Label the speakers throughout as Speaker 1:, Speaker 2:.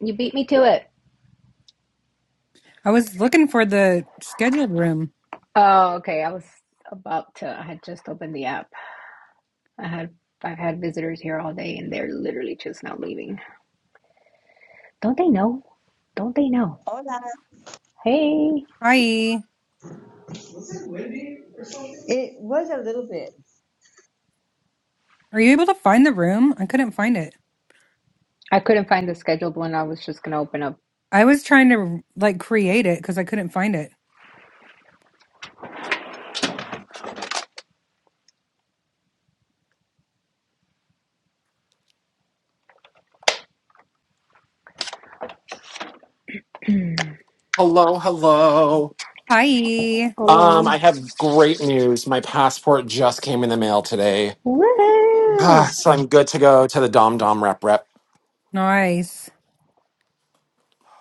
Speaker 1: You beat me to it.
Speaker 2: I was looking for the scheduled room.
Speaker 1: Oh, okay. I was about to. I had just opened the app. I had I've had visitors here all day, and they're literally just now leaving. Don't they know? Don't they know?
Speaker 3: Hola.
Speaker 1: Hey,
Speaker 2: Hi.
Speaker 3: It was a little bit.
Speaker 2: Are you able to find the room? I couldn't find it.
Speaker 1: I couldn't find the scheduled one. I was just gonna open up.
Speaker 2: I was trying to like create it because I couldn't find it.
Speaker 4: Hello, hello.
Speaker 2: Hi.
Speaker 4: Um,
Speaker 1: Hola.
Speaker 4: I have great news. My passport just came in the mail today. Ah,
Speaker 1: Woohoo!
Speaker 4: so I'm good to go to the Dom Dom rep rep.
Speaker 2: Nice.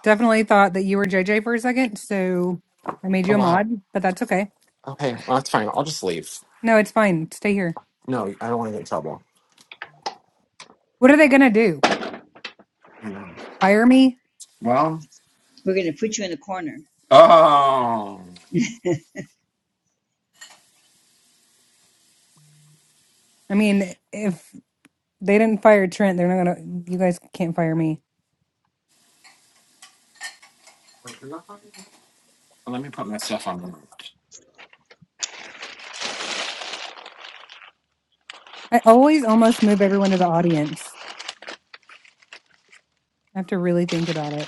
Speaker 2: Definitely thought that you were JJ for a second, so I made
Speaker 4: Oh
Speaker 2: you a mod,
Speaker 4: wow.
Speaker 2: but that's okay.
Speaker 4: Okay, well, that's fine. I'll just leave.
Speaker 2: No, it's fine. Stay here.
Speaker 4: No, I don't want to get in trouble.
Speaker 2: What are they
Speaker 3: Oh,
Speaker 2: gonna do?
Speaker 4: I know.
Speaker 2: Fire me?
Speaker 4: Well,
Speaker 3: We're going to put you in the corner.
Speaker 4: oh.
Speaker 2: I mean, if they didn't fire Trent, they're not gonna. You guys can't fire me.
Speaker 4: Let me put my stuff on.
Speaker 2: I always almost move everyone to the audience. I have to really think about it.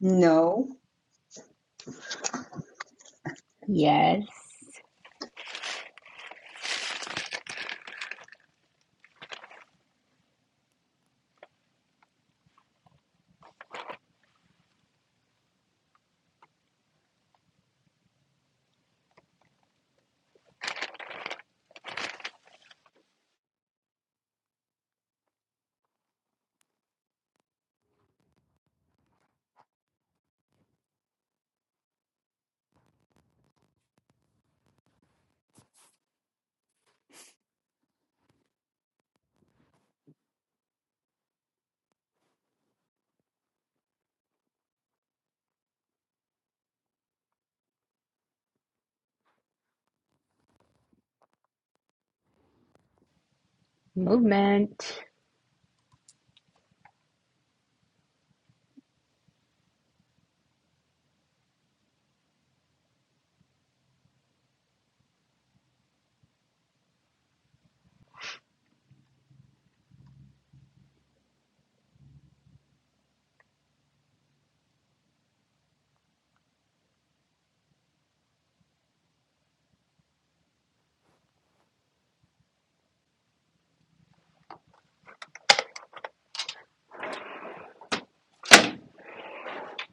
Speaker 3: No,
Speaker 1: Yes, movement.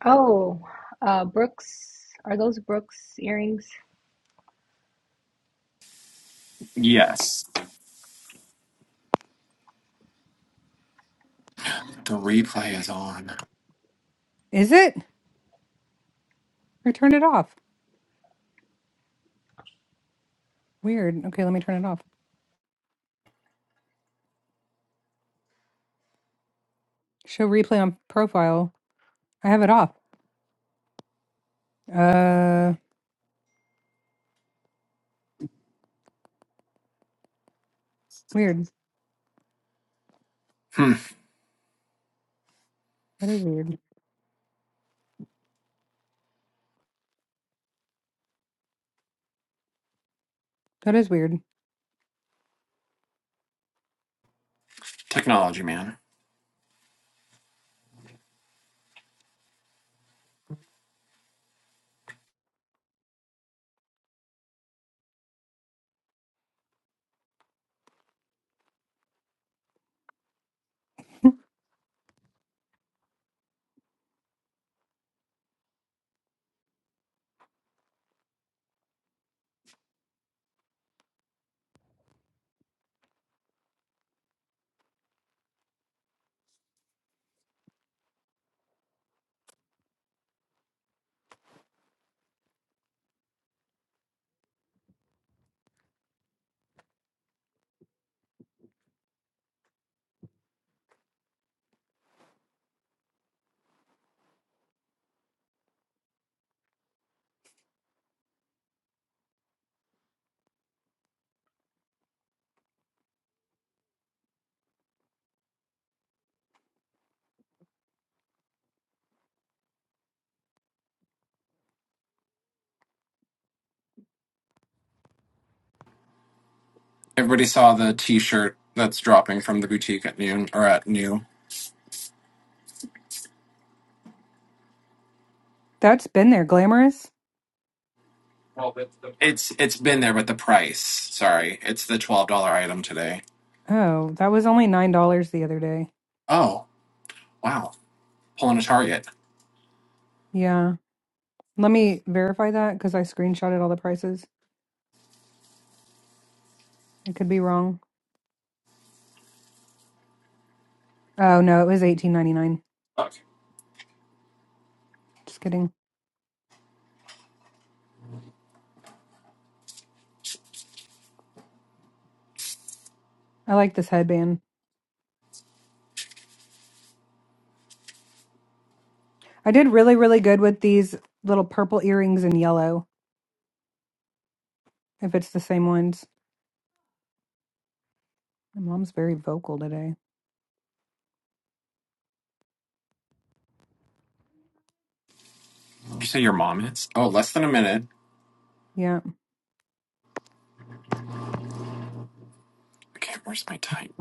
Speaker 1: Oh, uh, Brooks. Are those Brooks earrings?
Speaker 4: Yes, the replay is on.
Speaker 2: Is it? Or turn it off. Weird. Okay, let me turn it off. Show replay on profile. I have it off. Uh, weird.
Speaker 4: Hmm.
Speaker 2: That is weird. That is weird.
Speaker 4: Technology, man. Everybody saw the T-shirt that's dropping from the boutique at noon or at new.
Speaker 2: That's been there. Glamorous?
Speaker 4: It's it's been there, but the price. Sorry, it's the twelve dollar item today.
Speaker 2: Oh, that was only $9 the other day.
Speaker 4: Oh wow, pulling a target.
Speaker 2: Yeah. Let me verify that because I screenshotted all the prices. I could be wrong. Oh, no, it was eighteen ninety nine.
Speaker 4: Okay.
Speaker 2: Just kidding. I like this headband. I did really, really good with these little purple earrings in yellow, if it's the same ones. My mom's very vocal today.
Speaker 4: Did you say your mom is? Oh, less than a minute.
Speaker 2: Yeah.
Speaker 4: Okay, where's my time?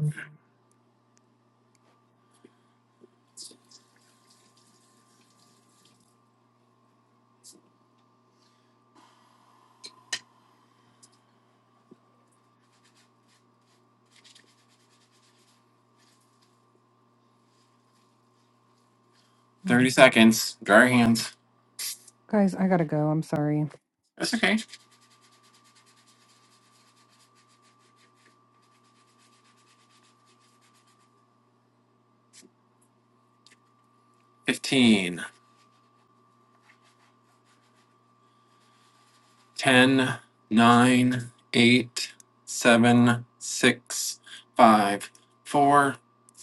Speaker 4: Thirty
Speaker 2: Mhm.
Speaker 4: seconds. Dry your hands.
Speaker 2: Guys, I gotta go. I'm sorry.
Speaker 4: That's okay. 15, 10, 9, 8, 7, 6, 5, 4,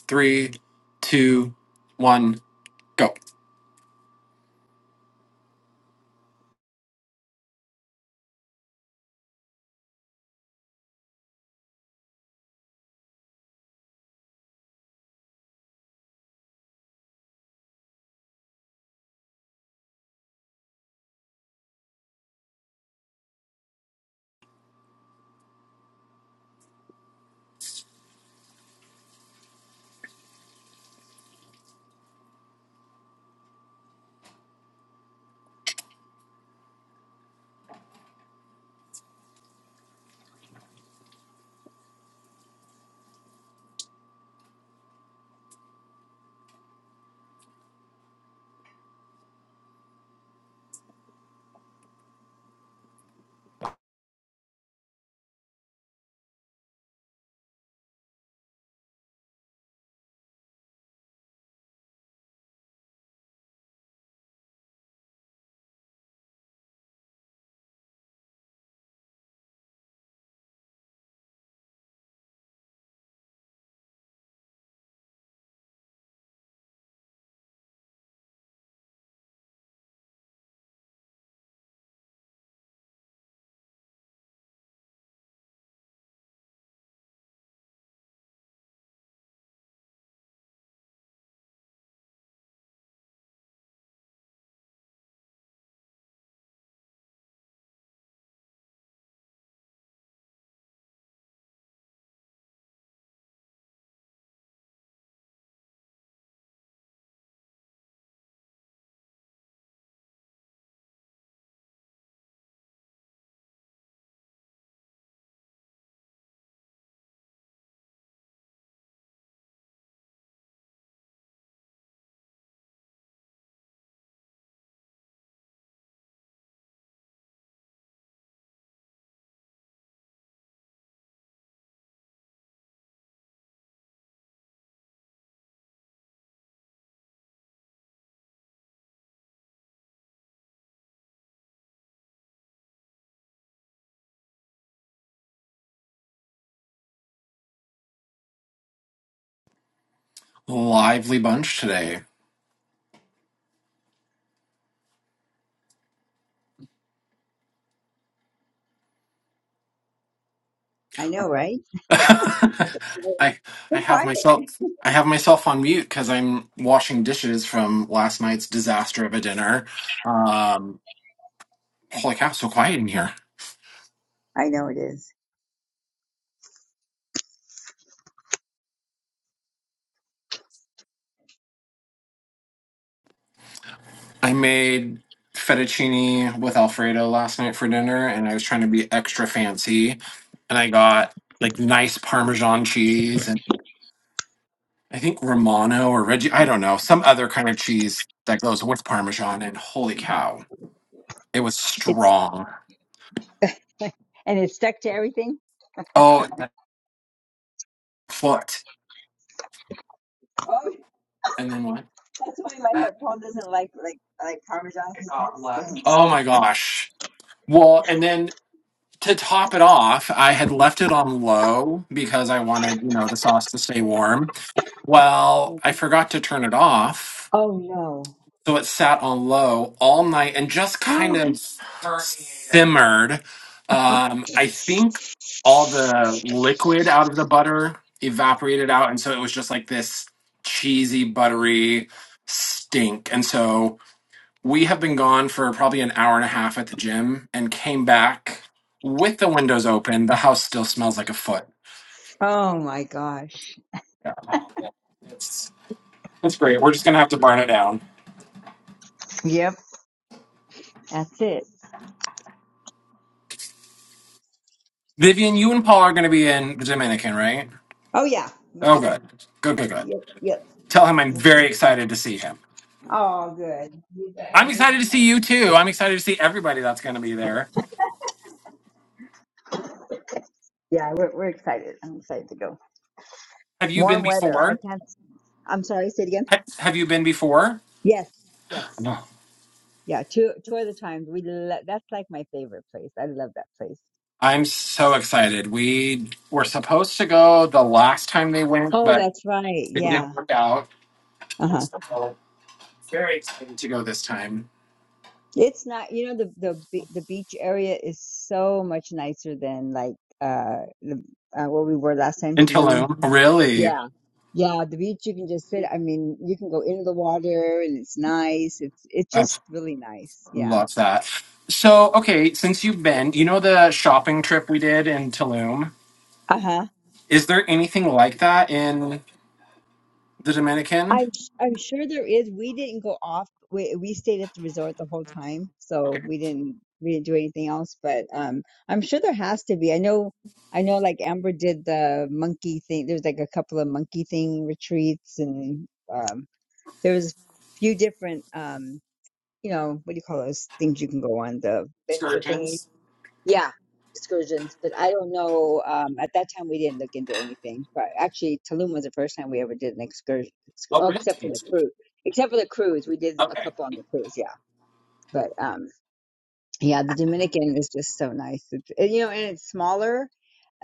Speaker 4: 3, 2, 1, go. Lively bunch today.
Speaker 3: I know, right? so
Speaker 4: I I have
Speaker 3: quiet.
Speaker 4: myself I have myself on mute because I'm washing dishes from last night's disaster of a dinner. Um, holy cow, so quiet in here.
Speaker 3: I know it is.
Speaker 4: I made fettuccine with Alfredo last night for dinner, and I was trying to be extra fancy, and I got like nice Parmesan cheese and I think Romano or Reggie, I don't know, some other kind of cheese that goes with Parmesan. And holy cow, it was
Speaker 3: It's
Speaker 4: strong.
Speaker 3: and it's stuck to everything.
Speaker 4: Oh, and then foot,
Speaker 3: Oh,
Speaker 4: and then what?
Speaker 3: that's why my head- Paul doesn't like like like Parmesan. He says it stinks.
Speaker 4: Oh my gosh. Well, and then to top it off, I had left it on low because I wanted, you know, the sauce to stay warm. Well, I forgot to turn it off.
Speaker 3: Oh
Speaker 4: So it sat on low all night and just kind
Speaker 3: no.
Speaker 4: of simmered. Um, I think all the liquid out of the butter evaporated out. And so it was just like this cheesy, buttery stink. And so. We have been gone for probably an hour and a half at the gym and came back with the windows open. The house still smells like a foot.
Speaker 3: Oh my gosh.
Speaker 4: Yeah. It's it's great. We're just gonna have to burn it down.
Speaker 3: Yep, that's it.
Speaker 4: Vivian, you and Paul are gonna be in Dominican, right?
Speaker 3: Oh yeah, we'll
Speaker 4: Oh
Speaker 3: be there.
Speaker 4: good. Good, good, good.
Speaker 3: Yep, yep.
Speaker 4: Tell him I'm very excited to see him.
Speaker 3: Oh, good.
Speaker 4: I'm excited to see you too. I'm excited to see everybody that's gonna be there.
Speaker 3: Yeah, we're, we're excited. I'm excited to go.
Speaker 4: Have you been
Speaker 3: Warm weather. I
Speaker 4: before?
Speaker 3: can't. I'm sorry, say it again.
Speaker 4: Ha- Have you been before?
Speaker 3: Yes, yes,
Speaker 4: No.
Speaker 3: yeah. Two, two at a time. We lo- that's like my favorite place. I love that place.
Speaker 4: I'm so excited. We were supposed to go the last time they went,
Speaker 3: Oh,
Speaker 4: but
Speaker 3: that's right.
Speaker 4: It
Speaker 3: Yeah.
Speaker 4: didn't work out,
Speaker 3: Uh
Speaker 4: and
Speaker 3: huh.
Speaker 4: so very excited to go this time
Speaker 3: It's not. You know, the the be- the beach area is so much nicer than like uh, the, uh where we were last time,
Speaker 4: in
Speaker 3: Tulum.
Speaker 4: Tulum. Really,
Speaker 3: Yeah. Yeah, the beach you can just sit. I mean, you can go into the water and it's nice. It's it's
Speaker 4: I
Speaker 3: just really nice. Yeah.
Speaker 4: love that. So, okay, since you've been, you know the shopping trip we did in Tulum.
Speaker 3: Uh huh.
Speaker 4: Is there anything like that in the Dominican?
Speaker 3: I'm s- I'm sure there is. We didn't go off. We we stayed at the resort the whole time,
Speaker 4: Okay,
Speaker 3: so we didn't we didn't do anything else. But um, I'm sure there has to be. I know I know like Amber did the monkey thing. There's like a couple of monkey thing retreats, and um, there was a few different um, you know, what do you call those things you can go on the venture thingies.
Speaker 4: scourgings.
Speaker 3: Yeah, excursions. But I don't know. Um, at that time, we didn't look into anything. But actually, Tulum was the first time we ever did an excursion. excu-
Speaker 4: Oh,
Speaker 3: Oh,
Speaker 4: really?
Speaker 3: except for the cruise. Except for the cruise, we did a
Speaker 4: Okay.
Speaker 3: couple on the cruise. Yeah, but um, yeah, the Dominican is just so nice. It's, and, you know, and it's smaller,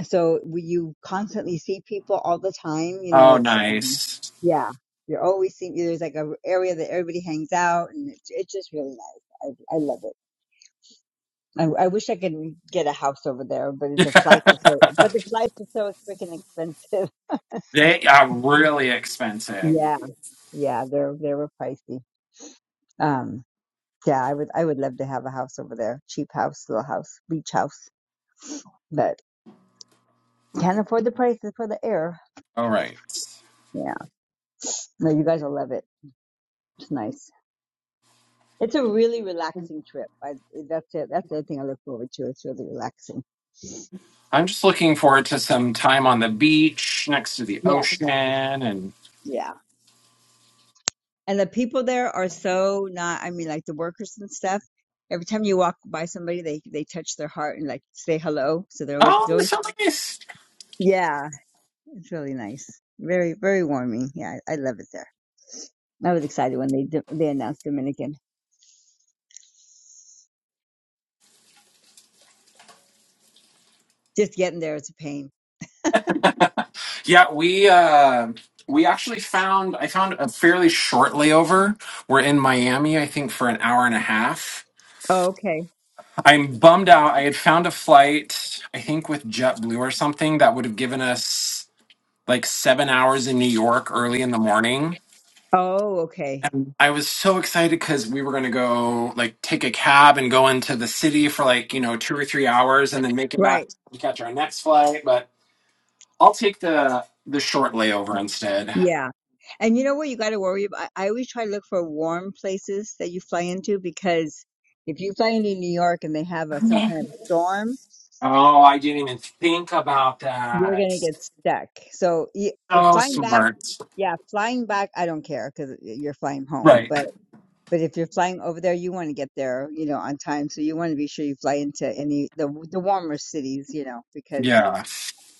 Speaker 3: so we, you constantly see people all the time. You know,
Speaker 4: Oh,
Speaker 3: it's um,
Speaker 4: nice.
Speaker 3: yeah, you're always seeing. There's like a area that everybody hangs out, and it's it's just really nice. I I love it. I, I wish I could get a house over there, but the flights are so but the flights are so freaking expensive.
Speaker 4: they are really expensive.
Speaker 3: Yeah, yeah, they're they were pricey. Um, yeah, I would I would love to have a house over there, cheap house, little house, beach house, but can't afford the prices for the air.
Speaker 4: All right.
Speaker 3: Yeah, no, you guys will love it. It's nice. It's a really relaxing trip. I, that's it. That's the other thing I look forward to. It's really relaxing.
Speaker 4: I'm just looking forward to some time on the beach next to the
Speaker 3: Yes.
Speaker 4: ocean and.
Speaker 3: Yeah. And the people there are so not, I mean, like the workers and stuff. Every time you walk by somebody, they they touch their heart and like say hello. So they're always
Speaker 4: Oh,
Speaker 3: they're
Speaker 4: that
Speaker 3: always
Speaker 4: sounds like nice.
Speaker 3: yeah, it's really nice. Very very warming. Yeah, I, I love it there. I was excited when they di- they announced Dominican. Just getting there is a pain.
Speaker 4: Yeah, we uh, we actually found I found a fairly short layover. We're in Miami, I think, for an hour and a half.
Speaker 3: Oh, okay.
Speaker 4: I'm bummed out. I had found a flight, I think, with JetBlue or something that would have given us like seven hours in New York early in the morning.
Speaker 3: Oh, okay.
Speaker 4: I was so excited because we were going to go like take a cab and go into the city for like you know two or three hours and then make it back
Speaker 3: Right.
Speaker 4: to catch our next flight. But I'll take the the short layover instead.
Speaker 3: Yeah. And you know what you got to worry about? I always try to look for warm places that you fly into because if you fly into New York and they have a, some kind of storm,
Speaker 4: Oh, I didn't even think about
Speaker 3: You're
Speaker 4: that.
Speaker 3: gonna get stuck. So y- uh,
Speaker 4: So
Speaker 3: flying back,
Speaker 4: smart.
Speaker 3: yeah, flying back, I don't care because you're flying home.
Speaker 4: Right.
Speaker 3: But but if you're flying over there, you want to get there, you know, on time. So you want to be sure you fly into any the the warmer cities, you know, because
Speaker 4: Yeah.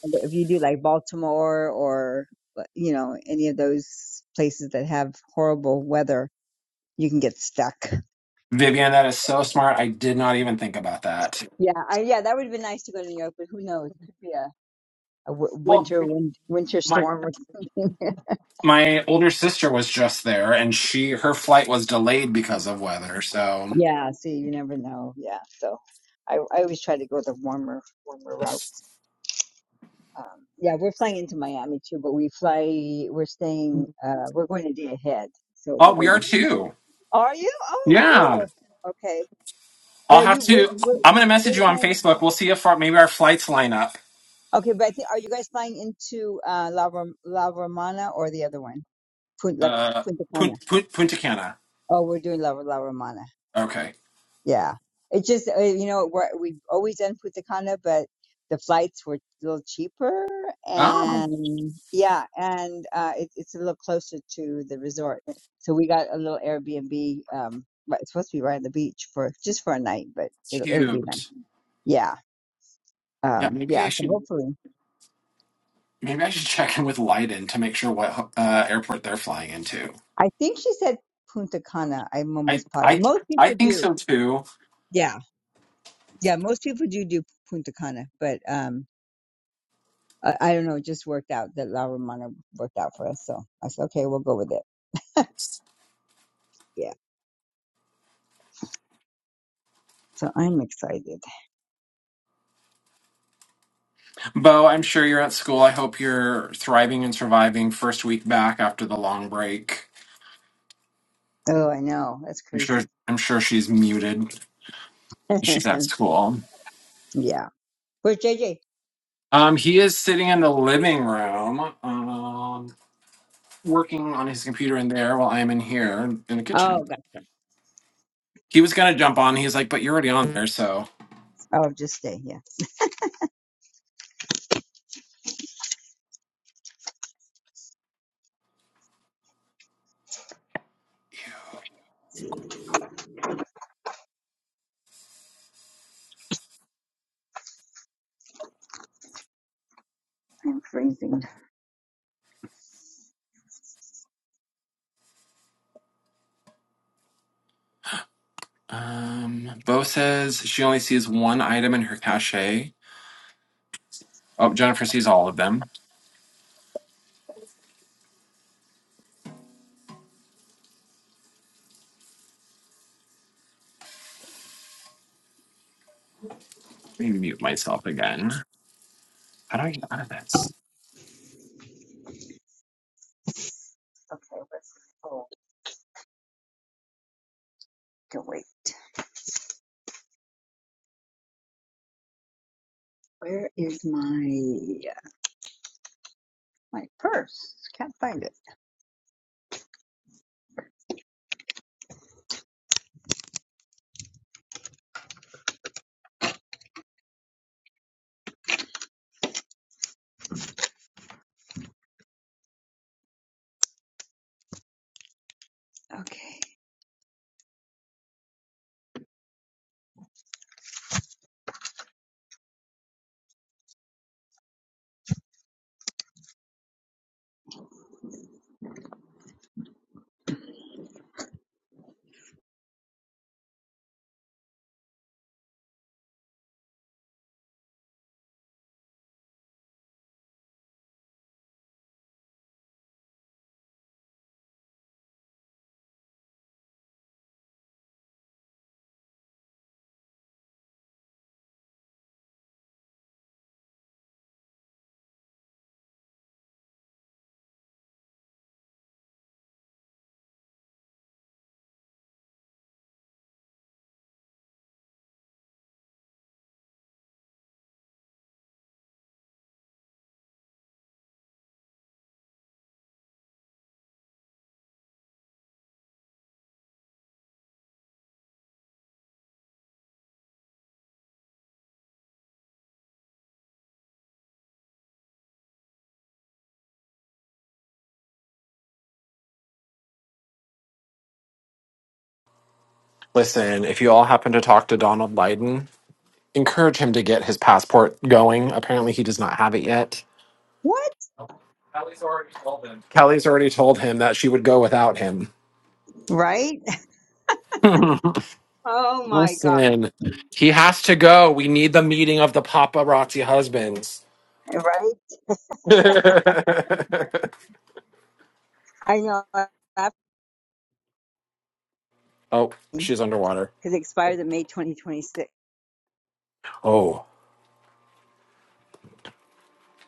Speaker 3: if you do like Baltimore or uh, you know any of those places that have horrible weather, you can get stuck.
Speaker 4: Vivian, that is so smart. I did not even think about that.
Speaker 3: Yeah, I, yeah, that would have been nice to go to New York, but who knows? It could be a, a w
Speaker 4: Well,
Speaker 3: winter wind, winter
Speaker 4: my
Speaker 3: storm or something.
Speaker 4: my older sister was just there and she her flight was delayed because of weather. So,
Speaker 3: Yeah, see, you never know. Yeah, so I, I always try to go the warmer, warmer route. Um, yeah, we're flying into Miami too, but we fly, we're staying, uh, we're going a day ahead. So
Speaker 4: oh,
Speaker 3: we're
Speaker 4: we are
Speaker 3: gonna.
Speaker 4: too.
Speaker 3: Are you? Oh,
Speaker 4: Yeah.
Speaker 3: cool. Okay. But
Speaker 4: I'll
Speaker 3: are
Speaker 4: have
Speaker 3: you, we're,
Speaker 4: to
Speaker 3: we're,
Speaker 4: I'm going to message
Speaker 3: we're
Speaker 4: you on
Speaker 3: flying.
Speaker 4: Facebook. We'll see if our, maybe our flights line up.
Speaker 3: Okay, but I think, are you guys flying into, uh, La, Rom- La Romana or the other one? Punta, La
Speaker 4: Uh
Speaker 3: Punta Cana.
Speaker 4: Punta, Punta Cana.
Speaker 3: Oh, we're doing La, La Romana.
Speaker 4: Okay.
Speaker 3: Yeah. It just, uh, you know, we're, we always end Punta Cana, but the flights were a little cheaper.
Speaker 4: Oh,
Speaker 3: And yeah, and uh, it, it's a little closer to the resort. So we got a little Airbnb. Um, right- it's supposed to be right on the beach for just for a night, but it'll, it'll be nice.
Speaker 4: cute.
Speaker 3: Yeah.
Speaker 4: Yeah,
Speaker 3: Um,
Speaker 4: maybe
Speaker 3: yeah.
Speaker 4: I
Speaker 3: So
Speaker 4: should
Speaker 3: hopefully,
Speaker 4: Maybe I should check in with Leiden to make sure what uh, airport they're flying into.
Speaker 3: I think she said Punta Cana. I'm
Speaker 4: I,
Speaker 3: almost positive.
Speaker 4: I
Speaker 3: Most
Speaker 4: I
Speaker 3: people
Speaker 4: think
Speaker 3: do.
Speaker 4: so too.
Speaker 3: Yeah. Yeah. Most people do do Punta Cana, but um, I, I don't know, it just worked out that La Romana worked out for us. So I said, okay, we'll go with it. Yeah. So I'm excited.
Speaker 4: Bo, I'm sure you're at school. I hope you're thriving and surviving first week back after the long break.
Speaker 3: Oh, I know. That's
Speaker 4: I'm sure
Speaker 3: crazy.
Speaker 4: I'm sure she's muted. She's at
Speaker 3: yeah.
Speaker 4: school.
Speaker 3: Where's JJ?
Speaker 4: Um, he is sitting in the living room, um, working on his computer in there while I'm in here in the kitchen.
Speaker 3: Oh, God.
Speaker 4: He was gonna jump on. He's like, "But you're already on there, so."
Speaker 3: Oh, just stay. Yeah. I'm freezing.
Speaker 4: Um, Bo says she only sees one item in her cache. Oh, Jennifer sees all of them. Let me mute myself again. How do I get out of this?
Speaker 3: Okay. Let's What's, oh, to wait. Where is my, my purse? Can't find it. Okay.
Speaker 4: Listen, if you all happen to talk to Donald Biden, encourage him to get his passport going. Apparently, he does not have it yet.
Speaker 3: What?
Speaker 4: Kelly's already told him. Kelly's already told him that she would go without him.
Speaker 3: Right? Oh my God.
Speaker 4: Listen, he has to go. We need the meeting of the paparazzi husbands.
Speaker 3: Right? I know. Because
Speaker 4: oh, she's underwater.
Speaker 3: it expires in May 2026.
Speaker 4: Oh.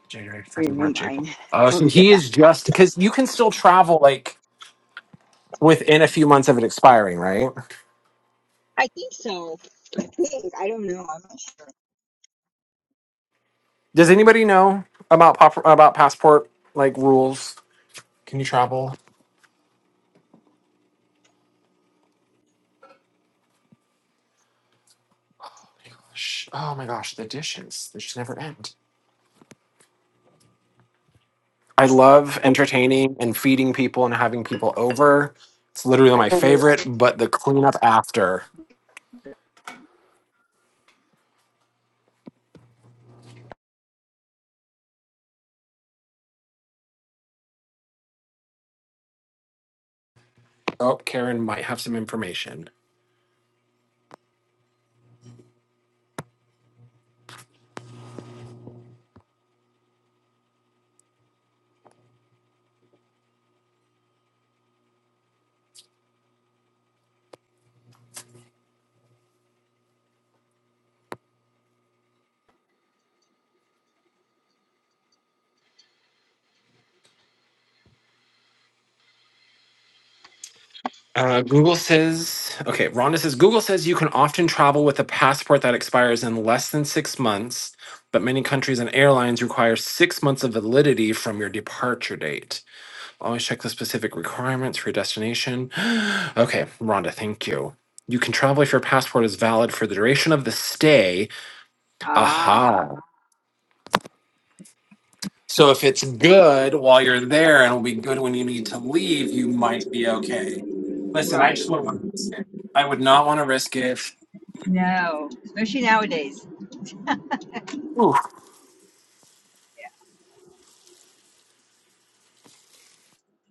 Speaker 4: January, February,
Speaker 3: renew
Speaker 4: March, April.
Speaker 3: mine
Speaker 4: Oh,
Speaker 3: when
Speaker 4: so
Speaker 3: we get
Speaker 4: he
Speaker 3: back.
Speaker 4: is just because you can still travel like within a few months of it expiring, right?
Speaker 3: I think so. I think. I don't know.
Speaker 4: Does anybody know about pop- about passport like rules? Can you travel? Sh- Oh my gosh, the dishes they just never end. I love entertaining and feeding people and having people over. It's literally
Speaker 3: I'm
Speaker 4: my
Speaker 3: not sure.
Speaker 4: favorite, but the cleanup after. Oh, Karen might have some information. Uh, Google says, okay, Rhonda says, Google says you can often travel with a passport that expires in less than six months, but many countries and airlines require six months of validity from your departure date. Always check the specific requirements for your destination. okay, Rhonda, thank you. You can travel if your passport is valid for the duration of the stay.
Speaker 3: Ah,
Speaker 4: Aha. So if it's good while you're there and it'll be good when you need to leave, you might be okay. Listen, I
Speaker 3: right.
Speaker 4: just would want to. risk it. I would not want to risk it.
Speaker 3: No, especially nowadays.
Speaker 4: Ooh,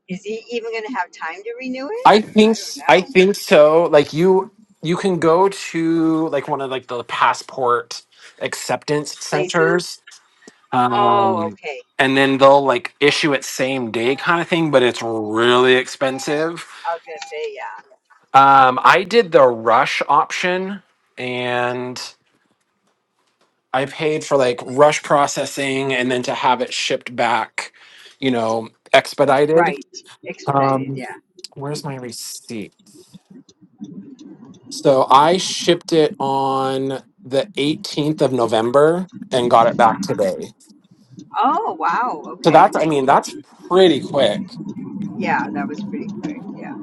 Speaker 3: Is he even going to have time to renew it?
Speaker 4: I
Speaker 3: I
Speaker 4: think
Speaker 3: don't
Speaker 4: I
Speaker 3: know.
Speaker 4: think
Speaker 3: You got
Speaker 4: so. Like you you can go to like one of like the passport acceptance
Speaker 3: places.
Speaker 4: centers.
Speaker 3: Oh,
Speaker 4: Um
Speaker 3: okay.
Speaker 4: and then they'll like issue it same day kind of thing, but it's really expensive.
Speaker 3: I was going to say, yeah.
Speaker 4: Um I did the rush option and I paid for like rush processing and then to have it shipped back, you know, expedited.
Speaker 3: Right. Expedited,
Speaker 4: Um
Speaker 3: yeah.
Speaker 4: where's my receipt? So I shipped it on the 18th of November and got it back today.
Speaker 3: Oh, wow.
Speaker 4: So
Speaker 3: Okay.
Speaker 4: that's, I mean, that's pretty quick.
Speaker 3: Yeah, that was pretty quick. Yeah.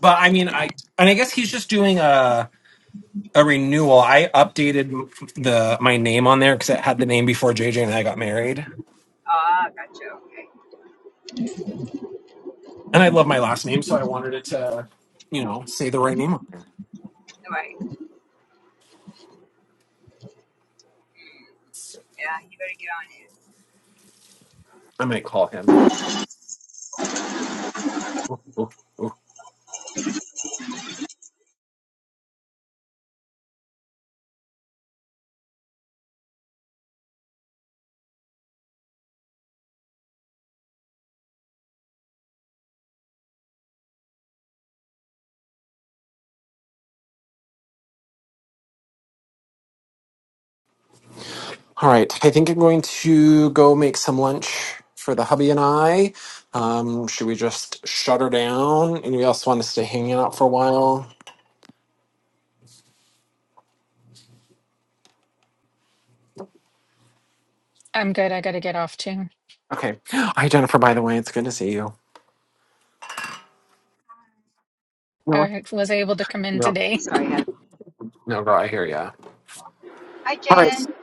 Speaker 4: But I mean,
Speaker 3: Yeah.
Speaker 4: I and I guess he's just doing a a renewal. I updated the my name on there because it had the name before JJ and I got married,
Speaker 3: Ah, gotcha. Okay.
Speaker 4: and I love my last name, so I wanted it to, you know, say the right name on there.
Speaker 3: All right. Yeah, you better get on it.
Speaker 4: I might call him. All right, I think I'm going to go make some lunch for the hubby and I. Um, should we just shut her down? and we also want to stay hanging out for a while?
Speaker 5: I'm good. I got to get off too.
Speaker 4: Okay. Hi, Jennifer, by the way. It's good to see you. No,
Speaker 5: I was able to come in
Speaker 4: no,
Speaker 5: today.
Speaker 3: Sorry. I had-
Speaker 4: no, girl, I hear ya.
Speaker 3: Hi,
Speaker 4: All right.
Speaker 3: Jen.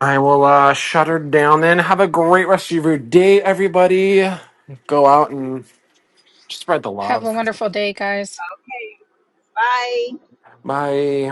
Speaker 4: I will uh, shut her down then. Have a great rest of your day, everybody. Go out and spread the
Speaker 5: Have a
Speaker 4: love.
Speaker 5: wonderful day, guys.
Speaker 3: Bye.
Speaker 4: Bye.